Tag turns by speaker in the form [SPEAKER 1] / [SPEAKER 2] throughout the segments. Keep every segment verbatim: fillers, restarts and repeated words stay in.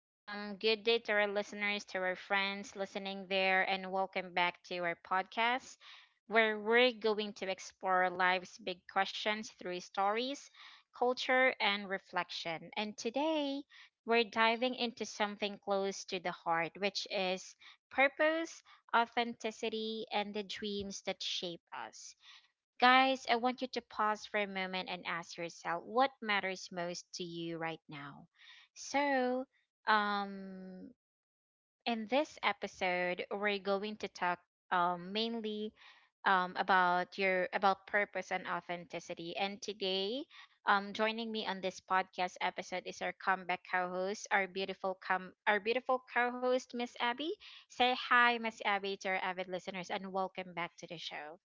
[SPEAKER 1] Um, good day to our listeners, to our friends listening there, and welcome back to our podcast where we're going to explore life's big questions through stories, culture, and reflection. And today, we're diving into something close to the heart, which is purpose, authenticity, and the dreams that shape us. Guys, I want you to pause for a moment and ask yourself what matters most to you right now. So, um, in this episode, we're going to talk um, mainly um, about your about purpose and authenticity. And today, um, joining me on this podcast episode is our comeback co-host, our beautiful com- our beautiful co-host, Miss Abby. Say hi, Miss Abby, to our avid listeners, and welcome back to the show.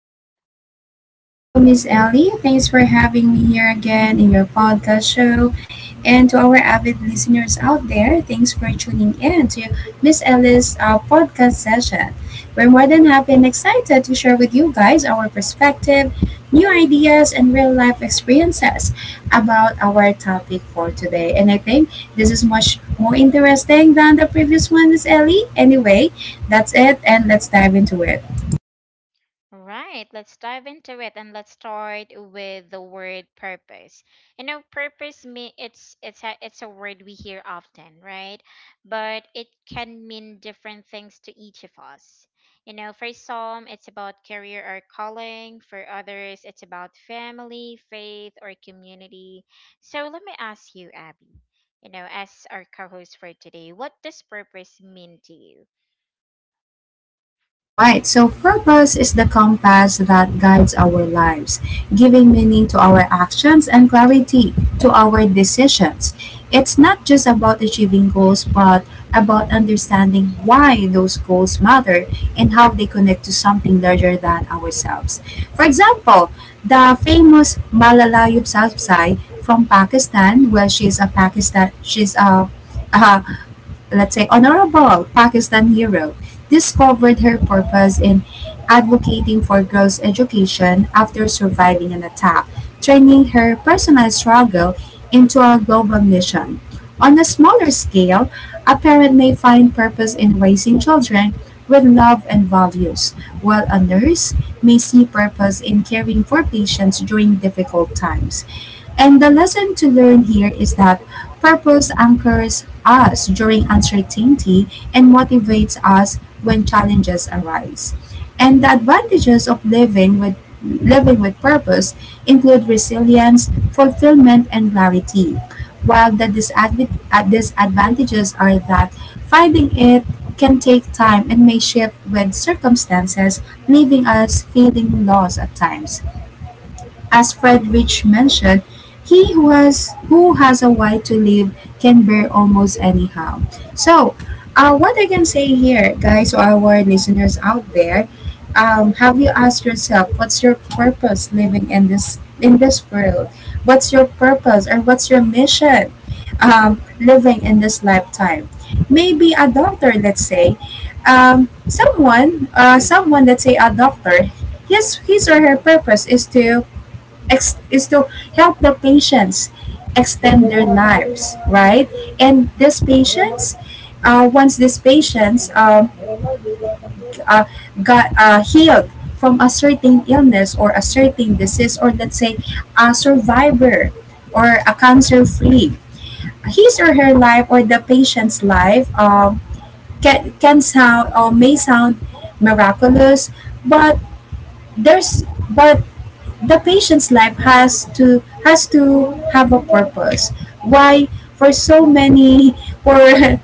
[SPEAKER 2] Hello, Miss Ellie. Thanks for having me here again in your podcast show. And to our avid listeners out there, thanks for tuning in to Miss Ellie's uh, podcast session. We're more than happy and excited to share with you guys our perspective, new ideas, and real life experiences about our topic for today. And I think this is much more interesting than the previous one, Miss Ellie. Anyway, that's it, and let's dive into it.
[SPEAKER 1] Right, let's dive into it and let's start with the word purpose. You know, purpose me it's it's a it's a word we hear often, right? But it can mean different things to each of us. You know, for some it's about career or calling, for others it's about family, faith or community. So let me ask you, Abby, you know, as our co-host for today, what does purpose mean to you?
[SPEAKER 2] Alright, so purpose is the compass that guides our lives, giving meaning to our actions and clarity to our decisions. It's not just about achieving goals, but about understanding why those goals matter and how they connect to something larger than ourselves. For example, the famous Malala Yousafzai from Pakistan. Well, she's a Pakistan, she's a, a, let's say, honorable Pakistan hero, discovered her purpose in advocating for girls' education after surviving an attack, turning her personal struggle into a global mission. On a smaller scale, a parent may find purpose in raising children with love and values, while a nurse may see purpose in caring for patients during difficult times. And the lesson to learn here is that purpose anchors us during uncertainty and motivates us when challenges arise. And the advantages of living with living with purpose include resilience, fulfillment, and clarity, while the disadv- uh, disadvantages are that finding it can take time and may shift with circumstances, leaving us feeling lost at times. As Fred Rich mentioned, he who has who has a why to live can bear almost anyhow. So, uh, what I can say here, guys, to our listeners out there, um, have you asked yourself what's your purpose living in this in this world? What's your purpose or what's your mission, um, living in this lifetime? Maybe a doctor, let's say, um, someone, uh, someone, let's say a doctor, his his or her purpose is to ex- is to help the patients extend their lives, right? And these
[SPEAKER 1] Mm-hmm.
[SPEAKER 2] patients, uh, once these patients uh, uh, got uh, healed from a certain illness or a certain disease, or let's say a survivor or a cancer free, his or her life or the patient's life um, can, can sound or may sound miraculous, but there's but the patient's life has to has to have a purpose why, for so many, for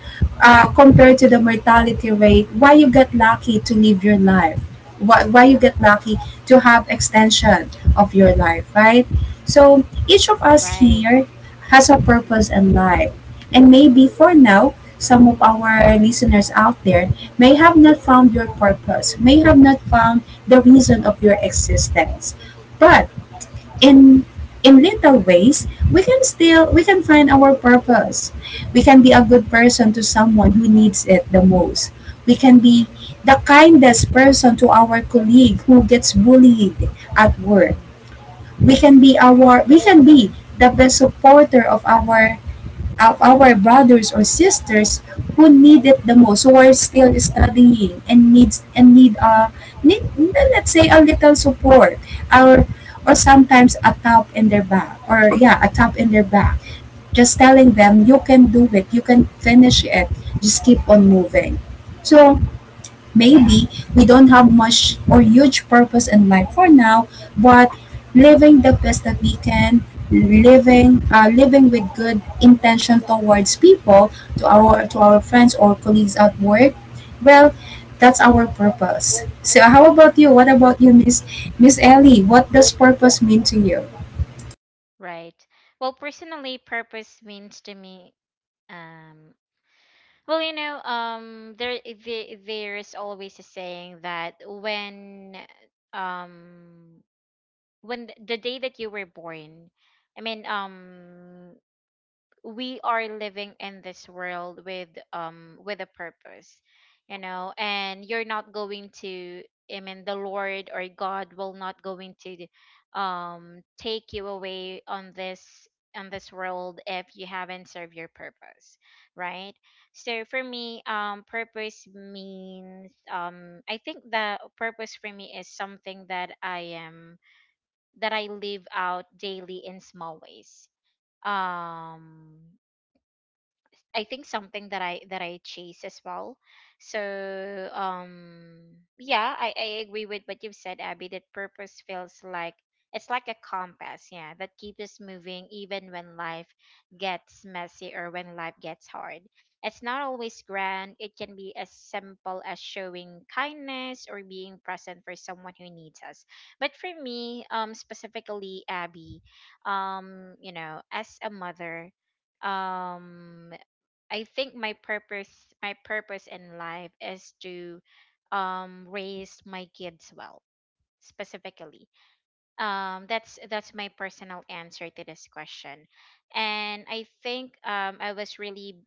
[SPEAKER 2] uh, compared to the mortality rate, why you get lucky to live your life, why, why you get lucky to have extension of your life, right? So each of us
[SPEAKER 1] Right.
[SPEAKER 2] here has a
[SPEAKER 1] Mm-hmm.
[SPEAKER 2] purpose in life, and maybe for now some of our listeners out there may have not found your purpose, may have not found the reason of your existence. But in in little ways, we can still we can find our purpose. We can be a good person to someone who needs it the most. We can be the kindest person to our colleague who gets bullied at work.
[SPEAKER 1] Mm-hmm.
[SPEAKER 2] We can be our we can be the best supporter of our of our brothers or sisters who need it the most, who are still studying and needs and need uh need, let's say, a little support, or or sometimes a tap in their back, or yeah, a tap in their back, just telling them you can do it, you can finish it, just keep on moving. So maybe we don't have much or huge purpose in life for now, but living the best that we can, living uh, living with good intention towards people, to our to our friends or colleagues at work, well, that's our purpose. So how about you? What about you, Miss Miss Ellie? What does purpose mean to you?
[SPEAKER 1] Right. Well, personally, purpose means to me, um, well, you know, um, there the- there's always a saying that when, um, when th- the day that you were born, I mean, um, we are living in this world with um with a purpose, you know, and you're not going to, I mean, the lord or god will not going to um take you away on this, on this world if you haven't served your purpose, right? So for me, um purpose means, um I think the purpose for me is something that I am that I live out daily in small ways, um I think something that I that I chase as well. So um yeah, I, I agree with what you've said, Abby, that purpose feels like it's like a compass, yeah, that keeps us moving even when life gets messy or when life gets hard. It's not always grand. It can be as simple as showing kindness or being present for someone who needs us. But for me, um specifically Abby, um, you know, as a mother, um I think my purpose my purpose in life is to um raise my kids well specifically. Um that's that's my personal answer to this question. And I think um I was really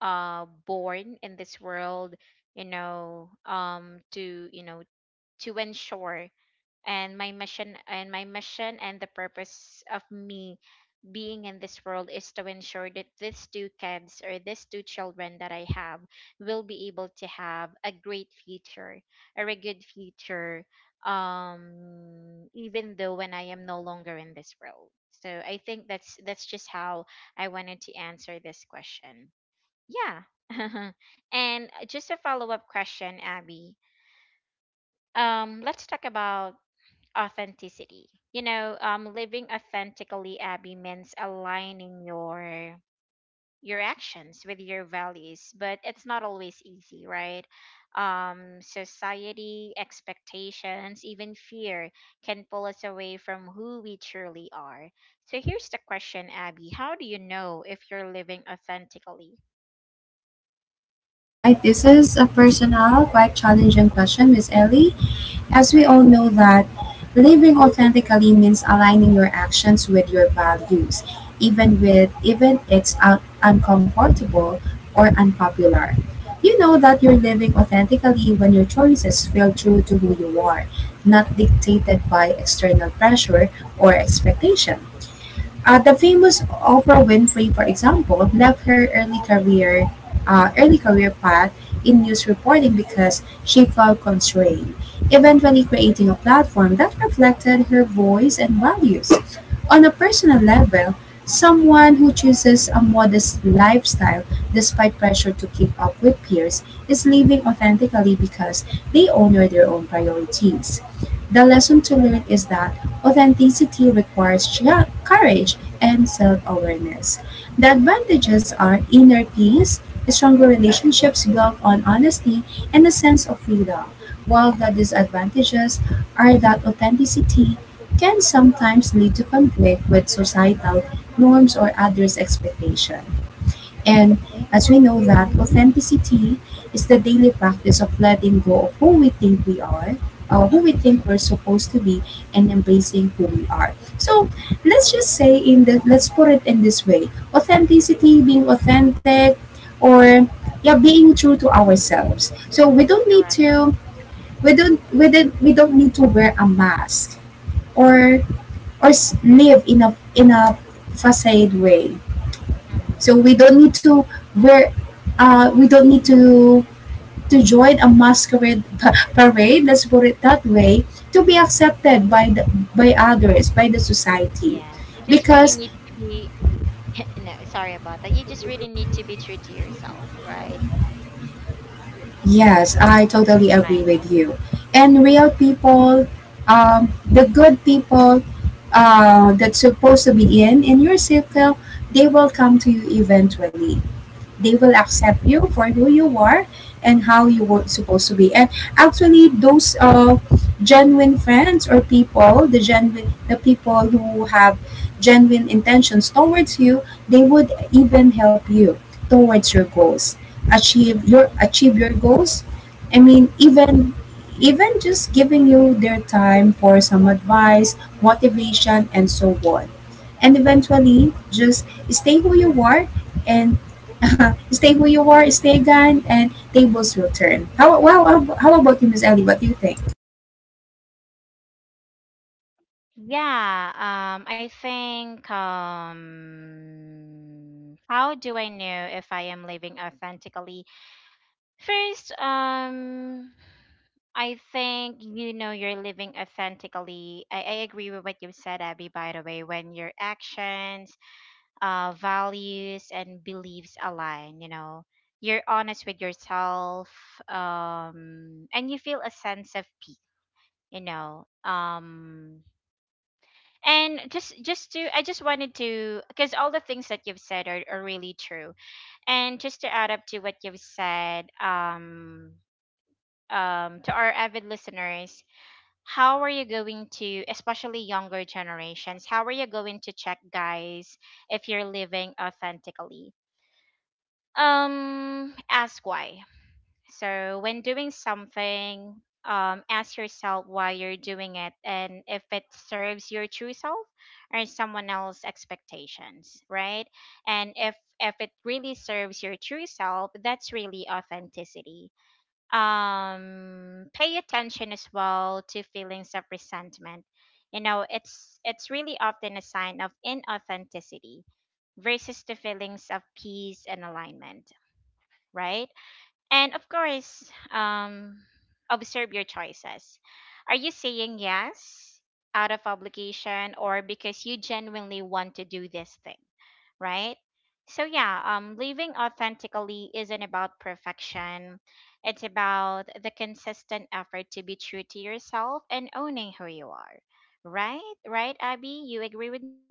[SPEAKER 1] uh born in this world, you know, um to, you know, to ensure, and my mission and my mission and the purpose of me being in this world is to ensure that these two kids or these two children that I have will be able to have a great future or a very good future, um even though when I am no longer in this world. So I think that's that's just how I wanted to answer this question. Yeah. And just a follow-up question, Abby. Um let's talk about authenticity. You know, um, living authentically, Abby, means aligning your your actions with your values, but it's not always easy, right? Um, society, expectations, even fear can pull us away from who we truly are. So here's the question, Abby: how do you know if you're living authentically?
[SPEAKER 2] Right? This is a personal, quite challenging question, Miss Ellie.
[SPEAKER 1] Mhm.
[SPEAKER 2] As we all
[SPEAKER 1] Right.
[SPEAKER 2] know, that living authentically means aligning your actions with your values, even with even it's un- uncomfortable or unpopular. You know that you're living authentically when your choices feel true to who you are, not dictated by external pressure or expectation. Uh, the famous Oprah Winfrey, for example, left her early career, uh, early career path in news reporting because she felt constrained, eventually creating a platform that reflected her voice and values. On a personal level, someone who chooses a modest lifestyle despite pressure to keep up with peers is living authentically because they honor their own priorities. The lesson to learn is that authenticity requires chia- courage and self awareness. The advantages
[SPEAKER 1] Mm-hmm.
[SPEAKER 2] are inner peace, stronger relationships built on honesty, and a sense of freedom, while the disadvantages are that authenticity can sometimes lead to conflict with societal norms or others' expectations. And as we know, that authenticity is the daily practice of letting go of who we think we are, uh, who we think we're supposed to be, and embracing who we are. So let's just say in the let's put it in this way: authenticity, being authentic, or yeah, being true to ourselves. So we don't need
[SPEAKER 1] Correct.
[SPEAKER 2] to we don't we don't we don't need to wear a mask,
[SPEAKER 1] Mm-hmm.
[SPEAKER 2] or or s- live in a in a facade way. So we don't need to wear, uh, we don't need to to join a masquerade pa- parade. Let's put it that way, to be
[SPEAKER 1] But
[SPEAKER 2] accepted by the, by others, by the society,
[SPEAKER 1] yeah, you just really
[SPEAKER 2] because
[SPEAKER 1] need to be. No, sorry about that. You just really need to be true to yourself, right?
[SPEAKER 2] yes, I totally agree
[SPEAKER 1] Right.
[SPEAKER 2] with you. And real people, um, the good people, uh, that's supposed to be in in your circle, they will come to you eventually. They will accept you for who you are and how you were supposed to be. And actually those, uh, genuine friends or people, the genuine, the people who have genuine intentions towards you, they would even help you towards your goals, achieve your achieve your goals. I mean, even, even just giving you their time for some advice, motivation, and so on. And eventually just stay who you are, and stay who you are, stay gone, and tables will turn. How, wow, how, how about you, Miss Ellie? What do you think?
[SPEAKER 1] Yeah. Um, I think, um, how do I know if I am living authentically? First, um, I think you know you're living authentically. I, I agree with what you said, Abby, by the way, when your actions, uh, values, and beliefs align, you know, you're honest with yourself, um, and you feel a sense of peace, you know. Um and just just to i just wanted to, because all the things that you've said are, are really true, and just to add up to what you've said, um um to our avid listeners, how are you going to, especially younger generations, how are you going to check, guys, if you're living authentically? Um ask why. So when doing something, um, ask yourself why you're doing it and if it serves your true self or someone else's expectations, right? And if if it really serves your true self, that's really authenticity. Um, pay attention as well to feelings of resentment. You know, it's it's really often a sign of inauthenticity versus the feelings of peace and alignment, right? And of course, um, observe your choices. Are you saying yes out of obligation or because you genuinely want to do this thing, right? So yeah, um, living authentically isn't about perfection. It's about the consistent effort to be true to yourself and owning who you are. Right? Right, Abby? You agree with me?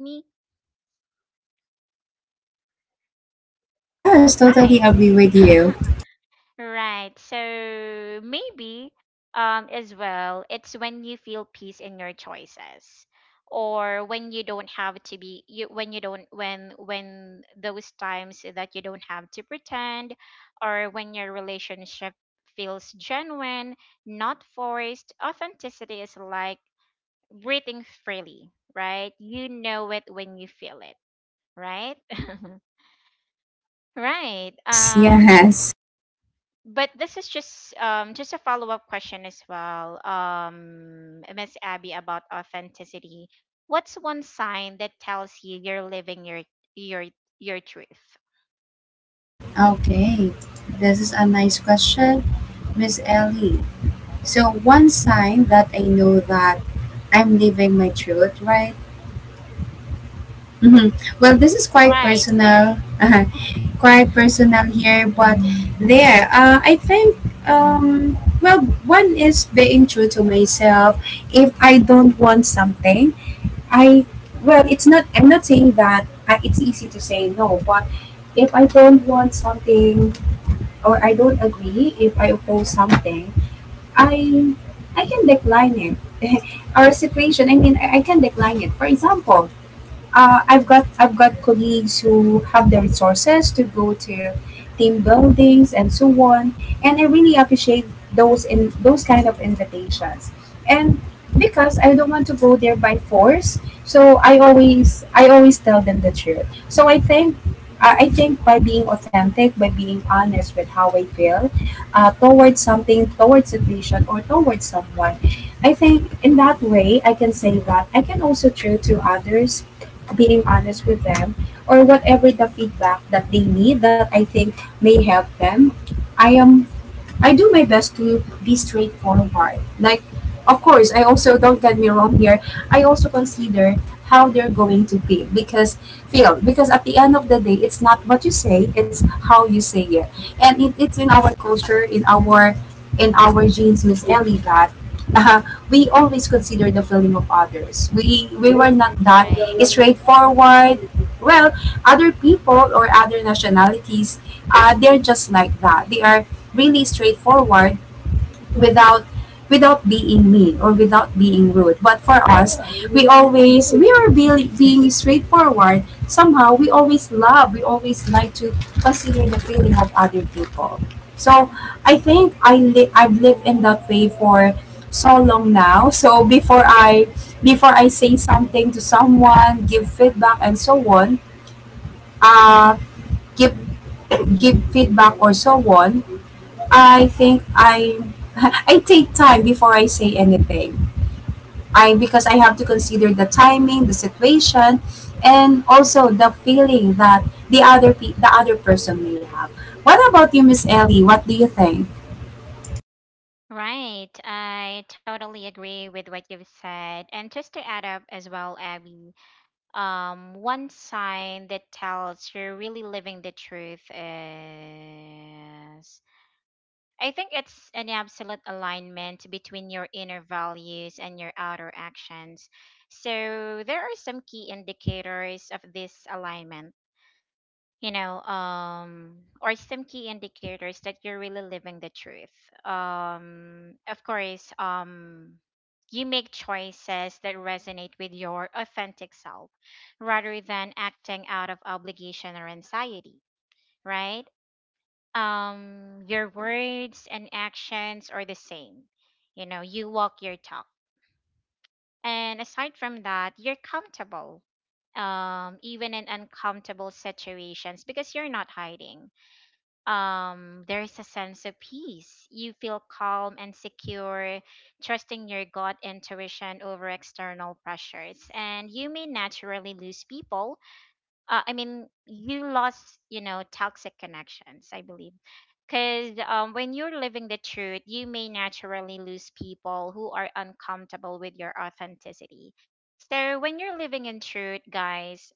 [SPEAKER 2] Yes,
[SPEAKER 1] Right.
[SPEAKER 2] totally agree with you.
[SPEAKER 1] Right. So maybe um as well, it's when you feel peace in your choices or when you don't have to be you when you don't when when those times that you don't have to pretend or when your relationship feels genuine, not forced. Authenticity is like breathing freely, right? You know it when you feel it, right? Right.
[SPEAKER 2] Yes,
[SPEAKER 1] Um
[SPEAKER 2] yes.
[SPEAKER 1] but this is just um just a follow-up question as well, um Miss Abby, about authenticity. What's one sign that tells you you're living your your your truth?
[SPEAKER 2] Okay, this is a nice question, Miss
[SPEAKER 1] Mm.
[SPEAKER 2] Ellie. So, one sign that I know that I'm living my truth, right? Hmm. Well, this is quite
[SPEAKER 1] Right. Right.
[SPEAKER 2] personal. Uh quite personal here, but there, uh, I think, um, well, one is being true to myself. If I don't want something, I, well, it's not, I'm not saying that uh, it's easy to say no, but if I don't want something or I don't agree, if I oppose something, I, I can decline it. Our situation, I mean, I I can decline it. For example, uh, I've got I've got colleagues who have the resources to go to team buildings and so on, and I really appreciate those in those kind of invitations. And because I don't want to go there by force, so I always I always tell them the truth. So I think I I think by being authentic, by being honest with how I feel, uh, towards something, towards situation, or towards someone, I think in that way I can say that I can also true to others, being honest with them, or whatever the feedback that they need that I think may help them. I am I do my best to be straightforward. Like, of course, I also don't get me wrong here. I also consider how they're going to feel, because feel because at the end of the day, it's not what you say, it's how you say it. And it, it's in our culture,
[SPEAKER 1] Correct.
[SPEAKER 2] in our in our genes, Miss Ellie, that, uh, we always consider the feeling of others. We we were not that
[SPEAKER 1] Right.
[SPEAKER 2] straightforward. Well, other people or other nationalities, uh, they're just like that. They are really straightforward without, without being mean or without being rude. But for us, we always we are be, being straightforward. Somehow, we always love. We always like to consider the feeling of other people. So I think I li- I've lived in that way for so long now. So before I before I say something to someone, give feedback and so on, uh, give give feedback or so on, I think I I take time before I say anything. I, because I have to consider the timing, the situation, and also the feeling that the other pe- the other person may have. What about you, Miss Ellie? What do you think?
[SPEAKER 1] Right. I totally agree with what you've said. And just to add up as well, Abby, um, one sign that tells you're really living the truth is, I think it's an absolute alignment between your inner values and your outer actions. So there are some key indicators of this alignment, you know, um, or some key indicators that you're really living the truth. Um, of course, um, you make choices that resonate with your authentic self rather than acting out of obligation or anxiety, right? Um your words and actions are the same, you know, you walk your talk. And aside from that, you're comfortable, um even in uncomfortable situations, because you're not hiding. Um there is a sense of peace, you feel calm and secure, trusting your gut intuition over external pressures, and you may naturally lose people, uh, I mean, you lost, you know, toxic connections, I believe. Because um, when you're living the truth, you may naturally lose people who are uncomfortable with your authenticity. So when you're living in truth, guys,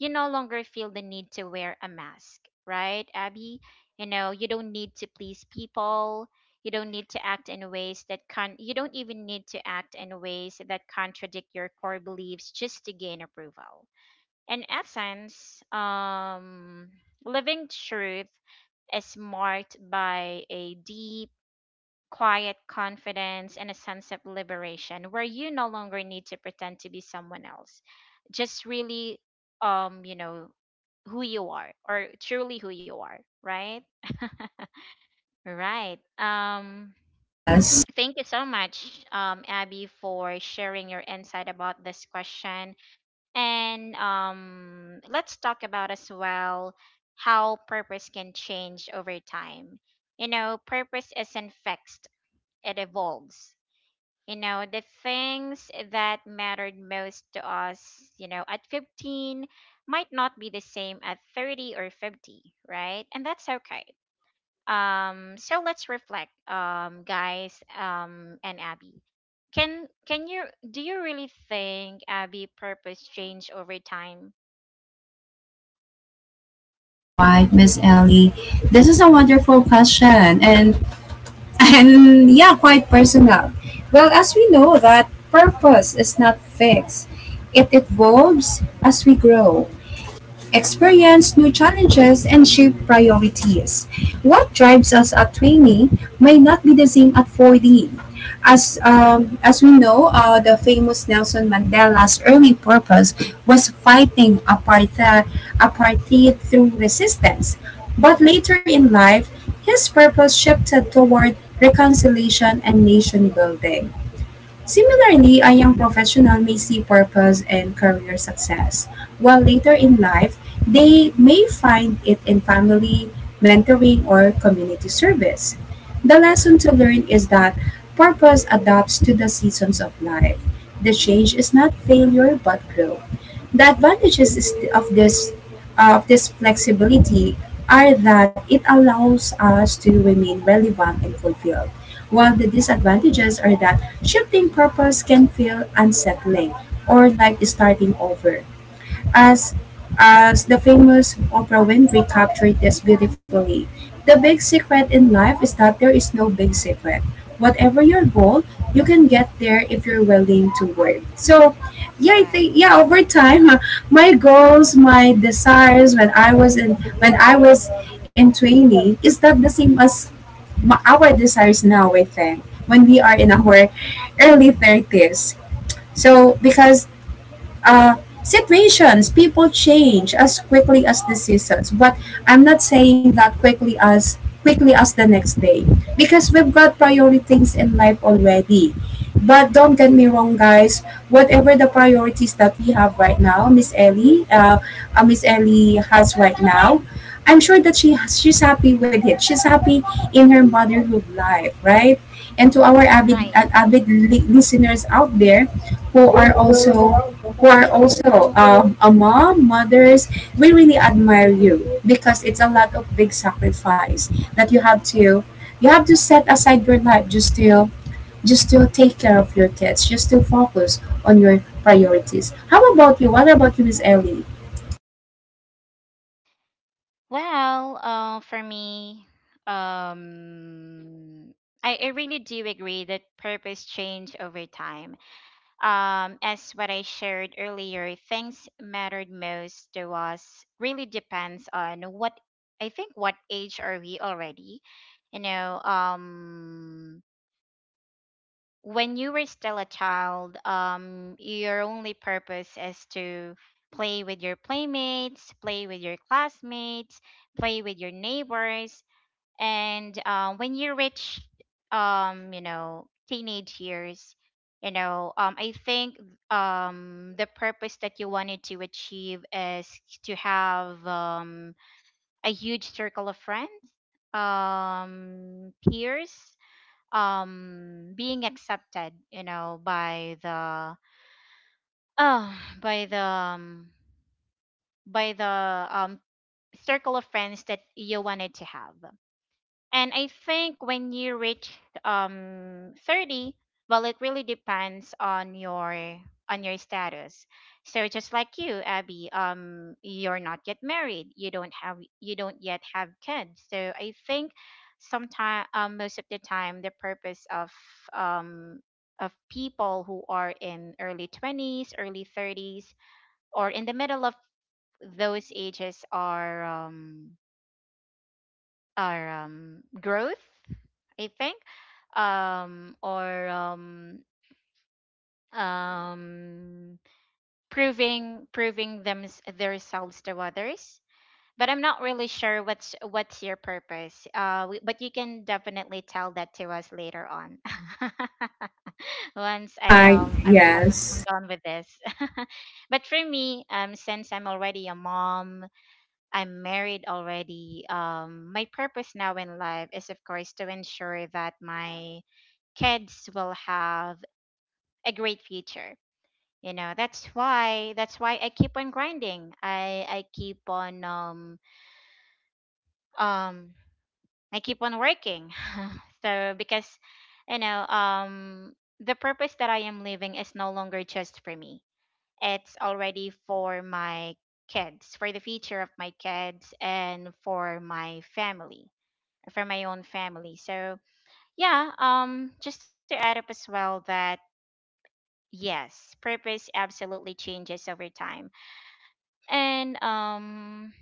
[SPEAKER 1] you no longer feel the need to wear a mask, right, Abby? You know, you don't need to please people. You don't need to act in ways that can. You don't even need to act in ways that contradict your core beliefs just to gain approval. In essence, um, living truth is marked by a deep, quiet confidence and a sense of liberation where you no longer need to pretend to be someone else. Just really, um, you know, who you are or truly who you are, right? Right. Um,
[SPEAKER 2] Yes.
[SPEAKER 1] thank you so much, um, Abby, for sharing your insight about this question. And um, let's talk about as well how purpose can change over time. You know, purpose isn't fixed, it evolves. You know, the things that mattered most to us, you know, at fifteen might not be the same at thirty or fifty, right? And that's okay. Um, so let's reflect, um, guys, um, and Abby. Can can you, do you really think, Abby, purpose change over time?
[SPEAKER 2] All right, Miss Ellie. This is a wonderful question, and and yeah, quite personal. Well, as we know, that purpose is not fixed. It evolves as we grow, experience new challenges, and shift priorities. What drives us at twenty may not be the same at forty. As, um, as we know, uh, the famous Nelson Mandela's early purpose was fighting apartheid, apartheid through resistance. But later in life, his purpose shifted toward reconciliation and nation building. Similarly, a young professional may see purpose and career success, while later in life, they may find it in family, mentoring, or community service. The lesson to learn is that purpose adapts to the seasons of life. The change is not failure but growth. The advantages is- of this of this flexibility are that it allows us to remain relevant and fulfilled, while the disadvantages are that shifting purpose can feel unsettling or like starting over. As as the famous Oprah Winfrey captured this beautifully, the big secret in life is that there is no big secret. Whatever your goal, you can get
[SPEAKER 1] Mhm.
[SPEAKER 2] there if you're willing to work. So, yeah, I think,
[SPEAKER 1] Right.
[SPEAKER 2] yeah, over time, my goals, my desires when I was in when I was in training is not the same as ma- our desires now, I think, when we are in our early thirties. So, because uh, situations, people change as quickly as the seasons. But I'm not saying that quickly as quickly as the next day, because we've got priority things in life already. But don't get me wrong, guys. Whatever the priorities that we have right now, Miss Ellie, uh, uh, Miss Ellie has right now, I'm sure that she has, she's happy with it. She's happy in her motherhood life, right? And to our
[SPEAKER 1] Right.
[SPEAKER 2] avid uh, avid listeners out there who are also who are also um, a mom, mothers, we really admire you, because it's a lot of big sacrifice that you have to you have to set aside your life just to just to take care of your kids, just to focus on your priorities. How about you? What about you, Miss Ellie?
[SPEAKER 1] Well, uh, for me, um, I, I really do agree that purpose change over time. Um, as what I shared earlier, things mattered most to us really depends on what, I think, what age are we already. You know, um, when you were still a child, um, your only purpose is to play with your playmates, play with your classmates, play with your neighbors, and uh, when you reach, um, you know, teenage years, you know, um, I think um, the purpose that you wanted to achieve is to have um, a huge circle of friends, um, peers, um being accepted, you know, by the uh, by the um, by the um circle of friends that you wanted to have. And I think when you reach um thirty, well, it really depends on your on your status. So just like you, Abby, um, you're not yet married. You don't have you don't yet have kids. So I think sometime, um, most of the time the purpose of um of people who are in early twenties, early thirties, or in the middle of those ages are um or um, growth, I think, um, or um, um, proving proving them themselves to others. But I'm not really sure what's what's your purpose. Uh, we, but you can definitely tell that to us later on. Once I
[SPEAKER 2] Haha,
[SPEAKER 1] um I'm I'm I'm
[SPEAKER 2] yes.
[SPEAKER 1] done with this. But for me, um, since I'm already a mom, I'm married already. Um, my purpose now in life is, of course, to ensure that my kids will have a great future. You know, that's why that's why I keep on grinding. I I keep on um um I keep on working. So because you know um the purpose that I am living is no longer just for me. It's already for my kids, for the future of my kids, and for my family. For my own family. So yeah, um, just to add up as well that yes, purpose absolutely changes over time, and um,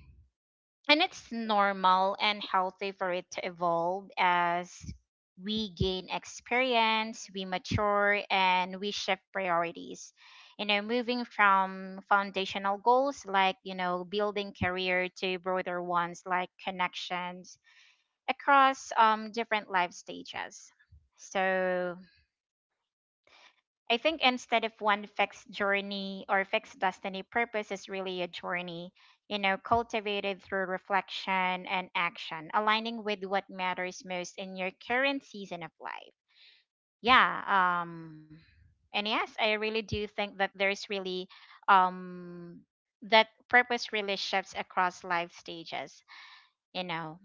[SPEAKER 1] and it's normal and healthy for it to evolve as we gain experience, we mature, and we shift priorities. You know, moving from foundational goals like, you know, building career to broader ones like connections across um, different life stages. So I think instead of one fixed journey or fixed destiny, purpose is really a journey, you know, cultivated through reflection and action, aligning with what matters most in your current season of life. Yeah. Um, and yes, I really do think that there's really um, that purpose really shifts across life stages, you know.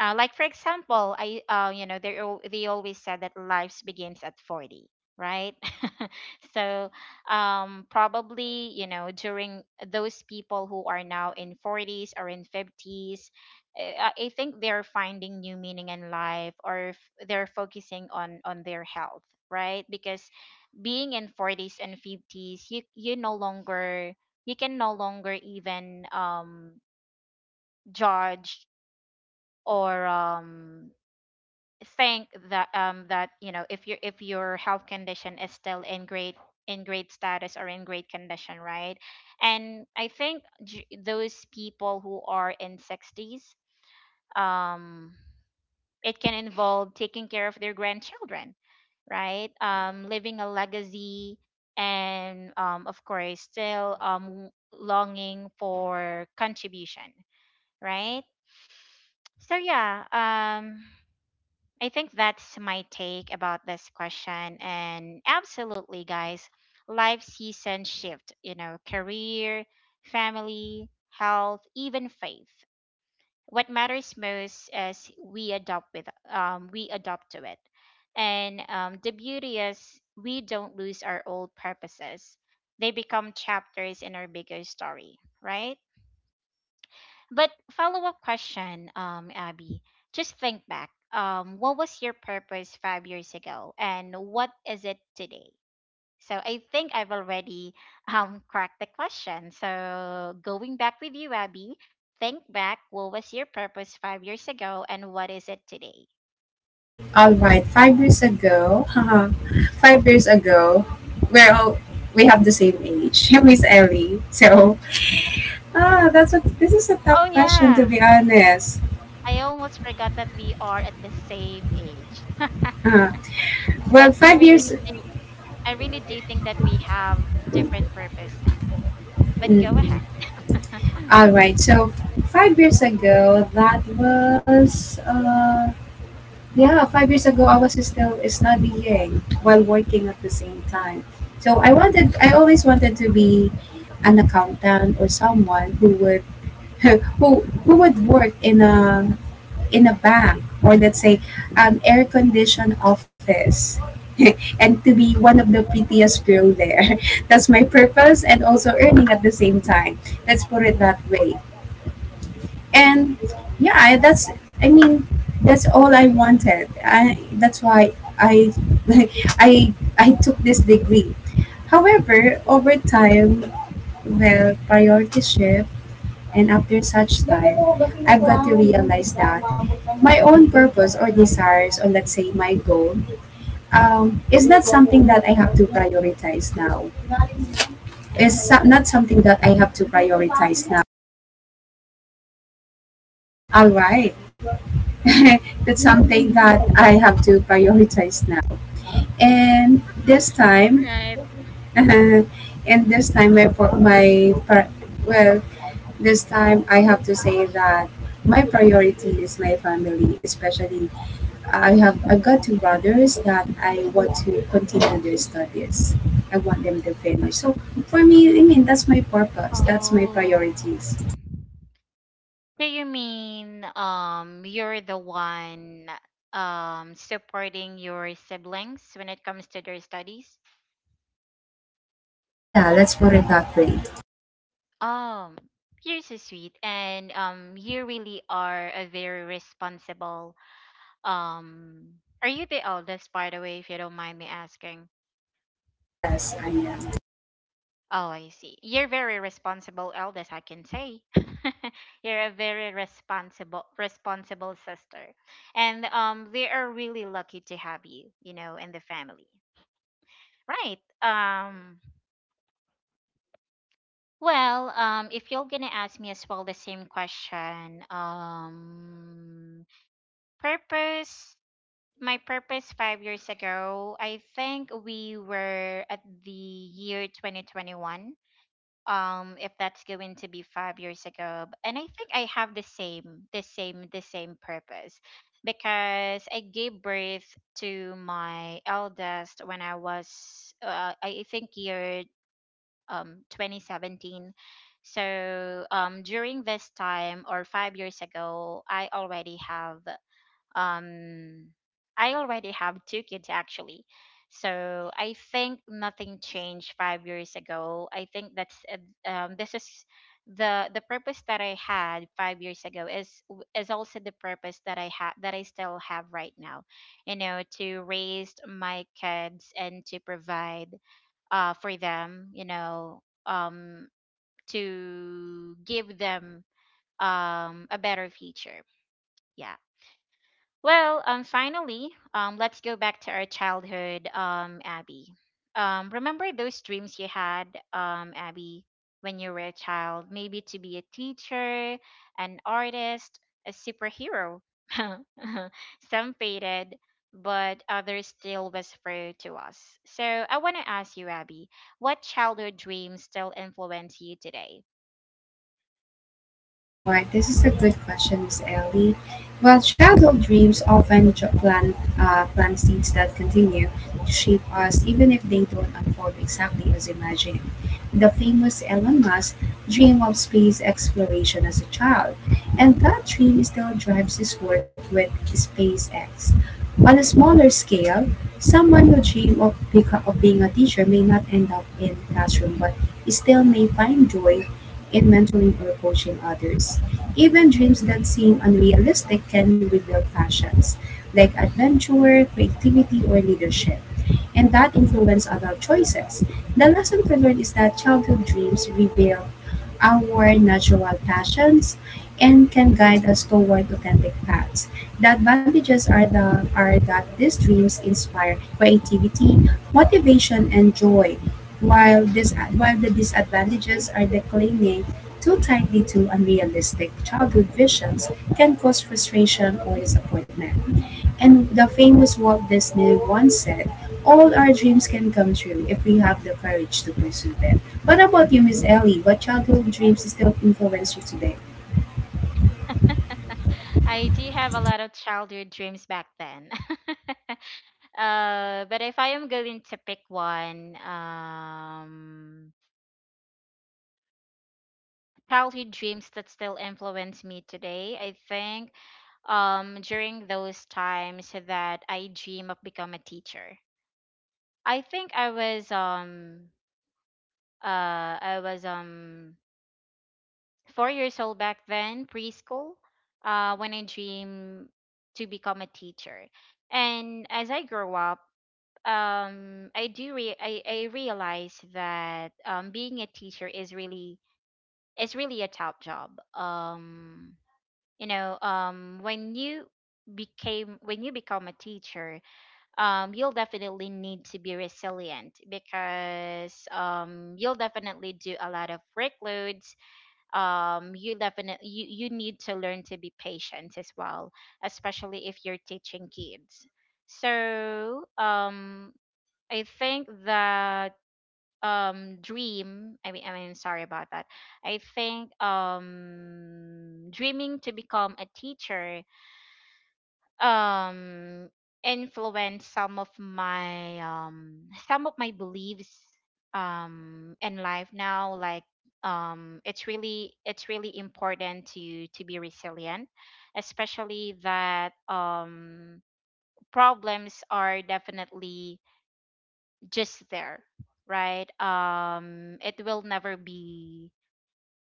[SPEAKER 1] Uh, like for example, I uh, you know they al- they always said that life begins at forty, right? So um, probably you know during those people who are now in forties or in fifties, uh, I think they're finding new meaning in life or f- they're focusing on on their health, right? Because being in forties and fifties, you you no longer, you can no longer even um, judge or um think that um that you know if your if your health condition is still in great, in great status or in great condition, right? And I think j- those people who are in sixties, um, it can involve taking care of their grandchildren, right, um, living a legacy, and um of course still um longing for contribution, right. So yeah, um, I think that's my take about this question. And absolutely, guys, life seasons shift, you know, career, family, health, even faith. What matters most is we adopt with um, we adopt to it. And um, The beauty is we don't lose our old purposes. They become chapters in our bigger story, right? But follow up question, um, Abby. Just think back. Um, what was your purpose five years ago, and what is it today? So I think I've already um cracked the question. So going back with you, Abby. Think back. What was your purpose five years ago, and what is it today?
[SPEAKER 2] All right, five years ago, haha, five years ago, we're all, we have the same age, Miss Ellie. So, ah, that's a, this is a tough
[SPEAKER 1] Oh
[SPEAKER 2] question, to
[SPEAKER 1] yeah,
[SPEAKER 2] be honest.
[SPEAKER 1] I almost forgot that we are at the same age.
[SPEAKER 2] Uh, well,
[SPEAKER 1] But we
[SPEAKER 2] five years.
[SPEAKER 1] really do. I really do think that we have different purpose now. But go
[SPEAKER 2] Mm,
[SPEAKER 1] ahead.
[SPEAKER 2] all right. So five years ago, that was, uh, yeah, five years ago I was still studying while working at the same time. So I wanted, I always wanted to be an accountant, or someone who would who who would work in a in a bank, or let's say an air conditioned office, and to be one of the prettiest girl there. That's my purpose, and also earning at the same time, let's put it that way. And yeah, I- that's i mean that's all I wanted. I, that's why I i i took this degree. However, over time, well, priority shift, and after such time, I've got to realize that my own purpose or desires, or let's say my goal, um, is not something that I have to prioritize now. Is so- not something that I have to prioritize now. All right, that's something that I have to prioritize now. And this time,
[SPEAKER 1] Right.
[SPEAKER 2] and this time my pro- my pri- well, this time I have to say that my priority is my family, especially I have I've got two brothers that I want to continue their studies. I want them to finish. So for me, I mean, that's my purpose. That's my
[SPEAKER 1] Oh.
[SPEAKER 2] priorities.
[SPEAKER 1] So you mean um you're the one um supporting your siblings when it comes to their studies?
[SPEAKER 2] Ah, yeah, let's put it that way.
[SPEAKER 1] Um you're so sweet and um you really are a very responsible, um, are you the eldest by the way if you don't mind me asking?
[SPEAKER 2] Ah, yes, I am.
[SPEAKER 1] Oh, I see. You're very responsible eldest, I can say. You're a very responsible responsible sister. And um they are really lucky to have you, you know, in the family. Right. Um, well, um, if you're going to ask me as well the same question, um, purpose, my purpose five years ago, I think we were at the year twenty twenty-one, um if that's going to be five years ago, b- and I think I have the same the same the same purpose because I gave birth to my eldest when I was uh, i I think year um twenty seventeen. So um during this time or five years ago I already have um I already have two kids actually. So I think nothing changed five years ago. I think that's uh, um this is the the purpose that I had five years ago is w- is also the purpose that I have that I still have right now. You know, to raise my kids and to provide uh for them, you know, um to give them um a better future. Yeah. Well, um, finally, um, let's go back to our childhood, um, Abby. Um, remember those dreams you had, um, Abby, when you were a child? Maybe to be a teacher, an artist, a superhero. Some faded, but others still whisper to us. So I want to ask you, Abby, what childhood dreams still influence you today?
[SPEAKER 2] Alright, this is a good question, Miss Ellie. Well, childhood dreams often jo- plant, uh, plant seeds that continue to shape us, even if they don't unfold exactly as imagined. The famous Elon Musk dream of space exploration as a child, and that dream still drives his work with SpaceX. On a smaller scale, someone who dreams of, beco- of being a teacher may not end up in classroom, but still may find joy in mentoring or coaching others. Even dreams that seem unrealistic can reveal passions like adventure, creativity, or leadership, and that influence adult choices. The lesson to learn is that childhood dreams reveal our natural passions and can guide us toward authentic paths. The advantages are, the, are that these dreams inspire creativity, motivation, and joy, while, this, while the disadvantages are that clinging too tightly to unrealistic childhood visions can cause frustration or disappointment. And the famous Walt Disney once said, "All our dreams can come true if we have the courage to pursue them." What about you, Miss Ellie? What childhood dreams still influence you today?
[SPEAKER 1] I do have a lot of childhood dreams back then. Uh, but if I am going to pick one, um, childhood dreams that still influence me today, I think um during those times that I dream of become a teacher. I think I was um uh I was um four years old back then, preschool, uh when I dream to become a teacher. And as I grow up, um I do re- I, I realize that um being a teacher is really, is really a tough job. Um you know, um, when you became when you become a teacher, um you'll definitely need to be resilient because um you'll definitely do a lot of workloads. Um you definitely, you, you need to learn to be patient as well, especially if you're teaching kids. So, um I think that um dream I mean I mean sorry about that. I think um dreaming to become a teacher um influenced some of my um some of my beliefs um in life now, like um it's really it's really important to to be resilient especially that um problems are definitely just there, right, um, it will never be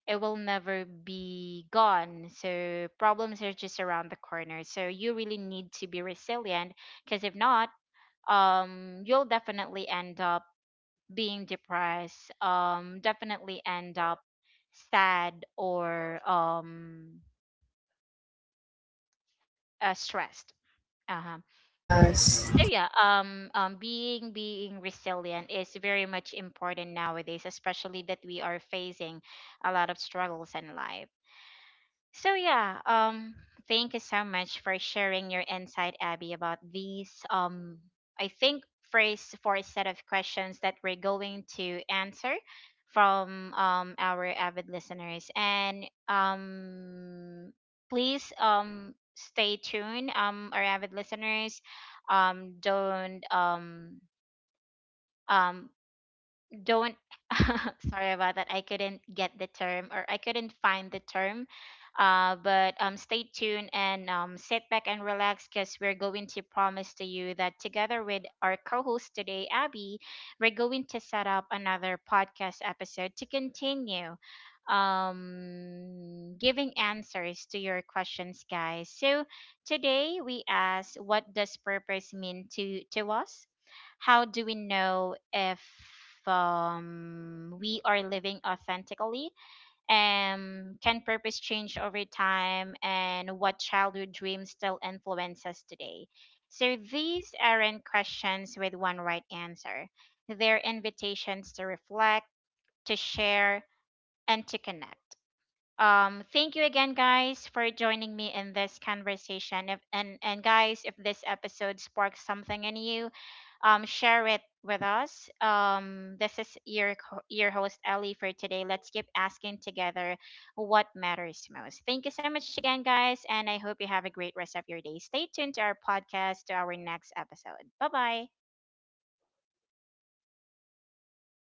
[SPEAKER 1] it will never be gone, so problems are just around the corner, so you really need to be resilient because if not, um, you'll definitely end up being depressed, um definitely end up sad or um uh, stressed. Uh-huh.
[SPEAKER 2] Yes.
[SPEAKER 1] So yeah, um um being being resilient is very much important nowadays, especially that we are facing a lot of struggles in life. So yeah, um, thank you so much for sharing your insight, Abby, about these, um, I think first for a set of questions that we're going to answer from um our avid listeners, and um please um stay tuned, um, our avid listeners, um don't um um don't sorry about that, I couldn't get the term or I couldn't find the term. Uh, but um, stay tuned and um, sit back and relax because we're going to promise to you that together with our co-host today, Abby, we're going to set up another podcast episode to continue, um, giving answers to your questions, guys. So today we ask, what does purpose mean to to us, how do we know if, um, we are living authentically? Um, can purpose change over time? And what childhood dreams still influence us today? So these aren't questions with one right answer. They're invitations to reflect, to share, and to connect. Um, thank you again, guys, for joining me in this conversation. If, and and guys, if this episode sparks something in you, um, share it with us. Um, this is your co- your host Ellie for today. Let's keep asking together what matters most. Thank you so much again, guys, and I hope you have a great rest of your day. Stay tuned to our podcast, to our next episode. Bye bye.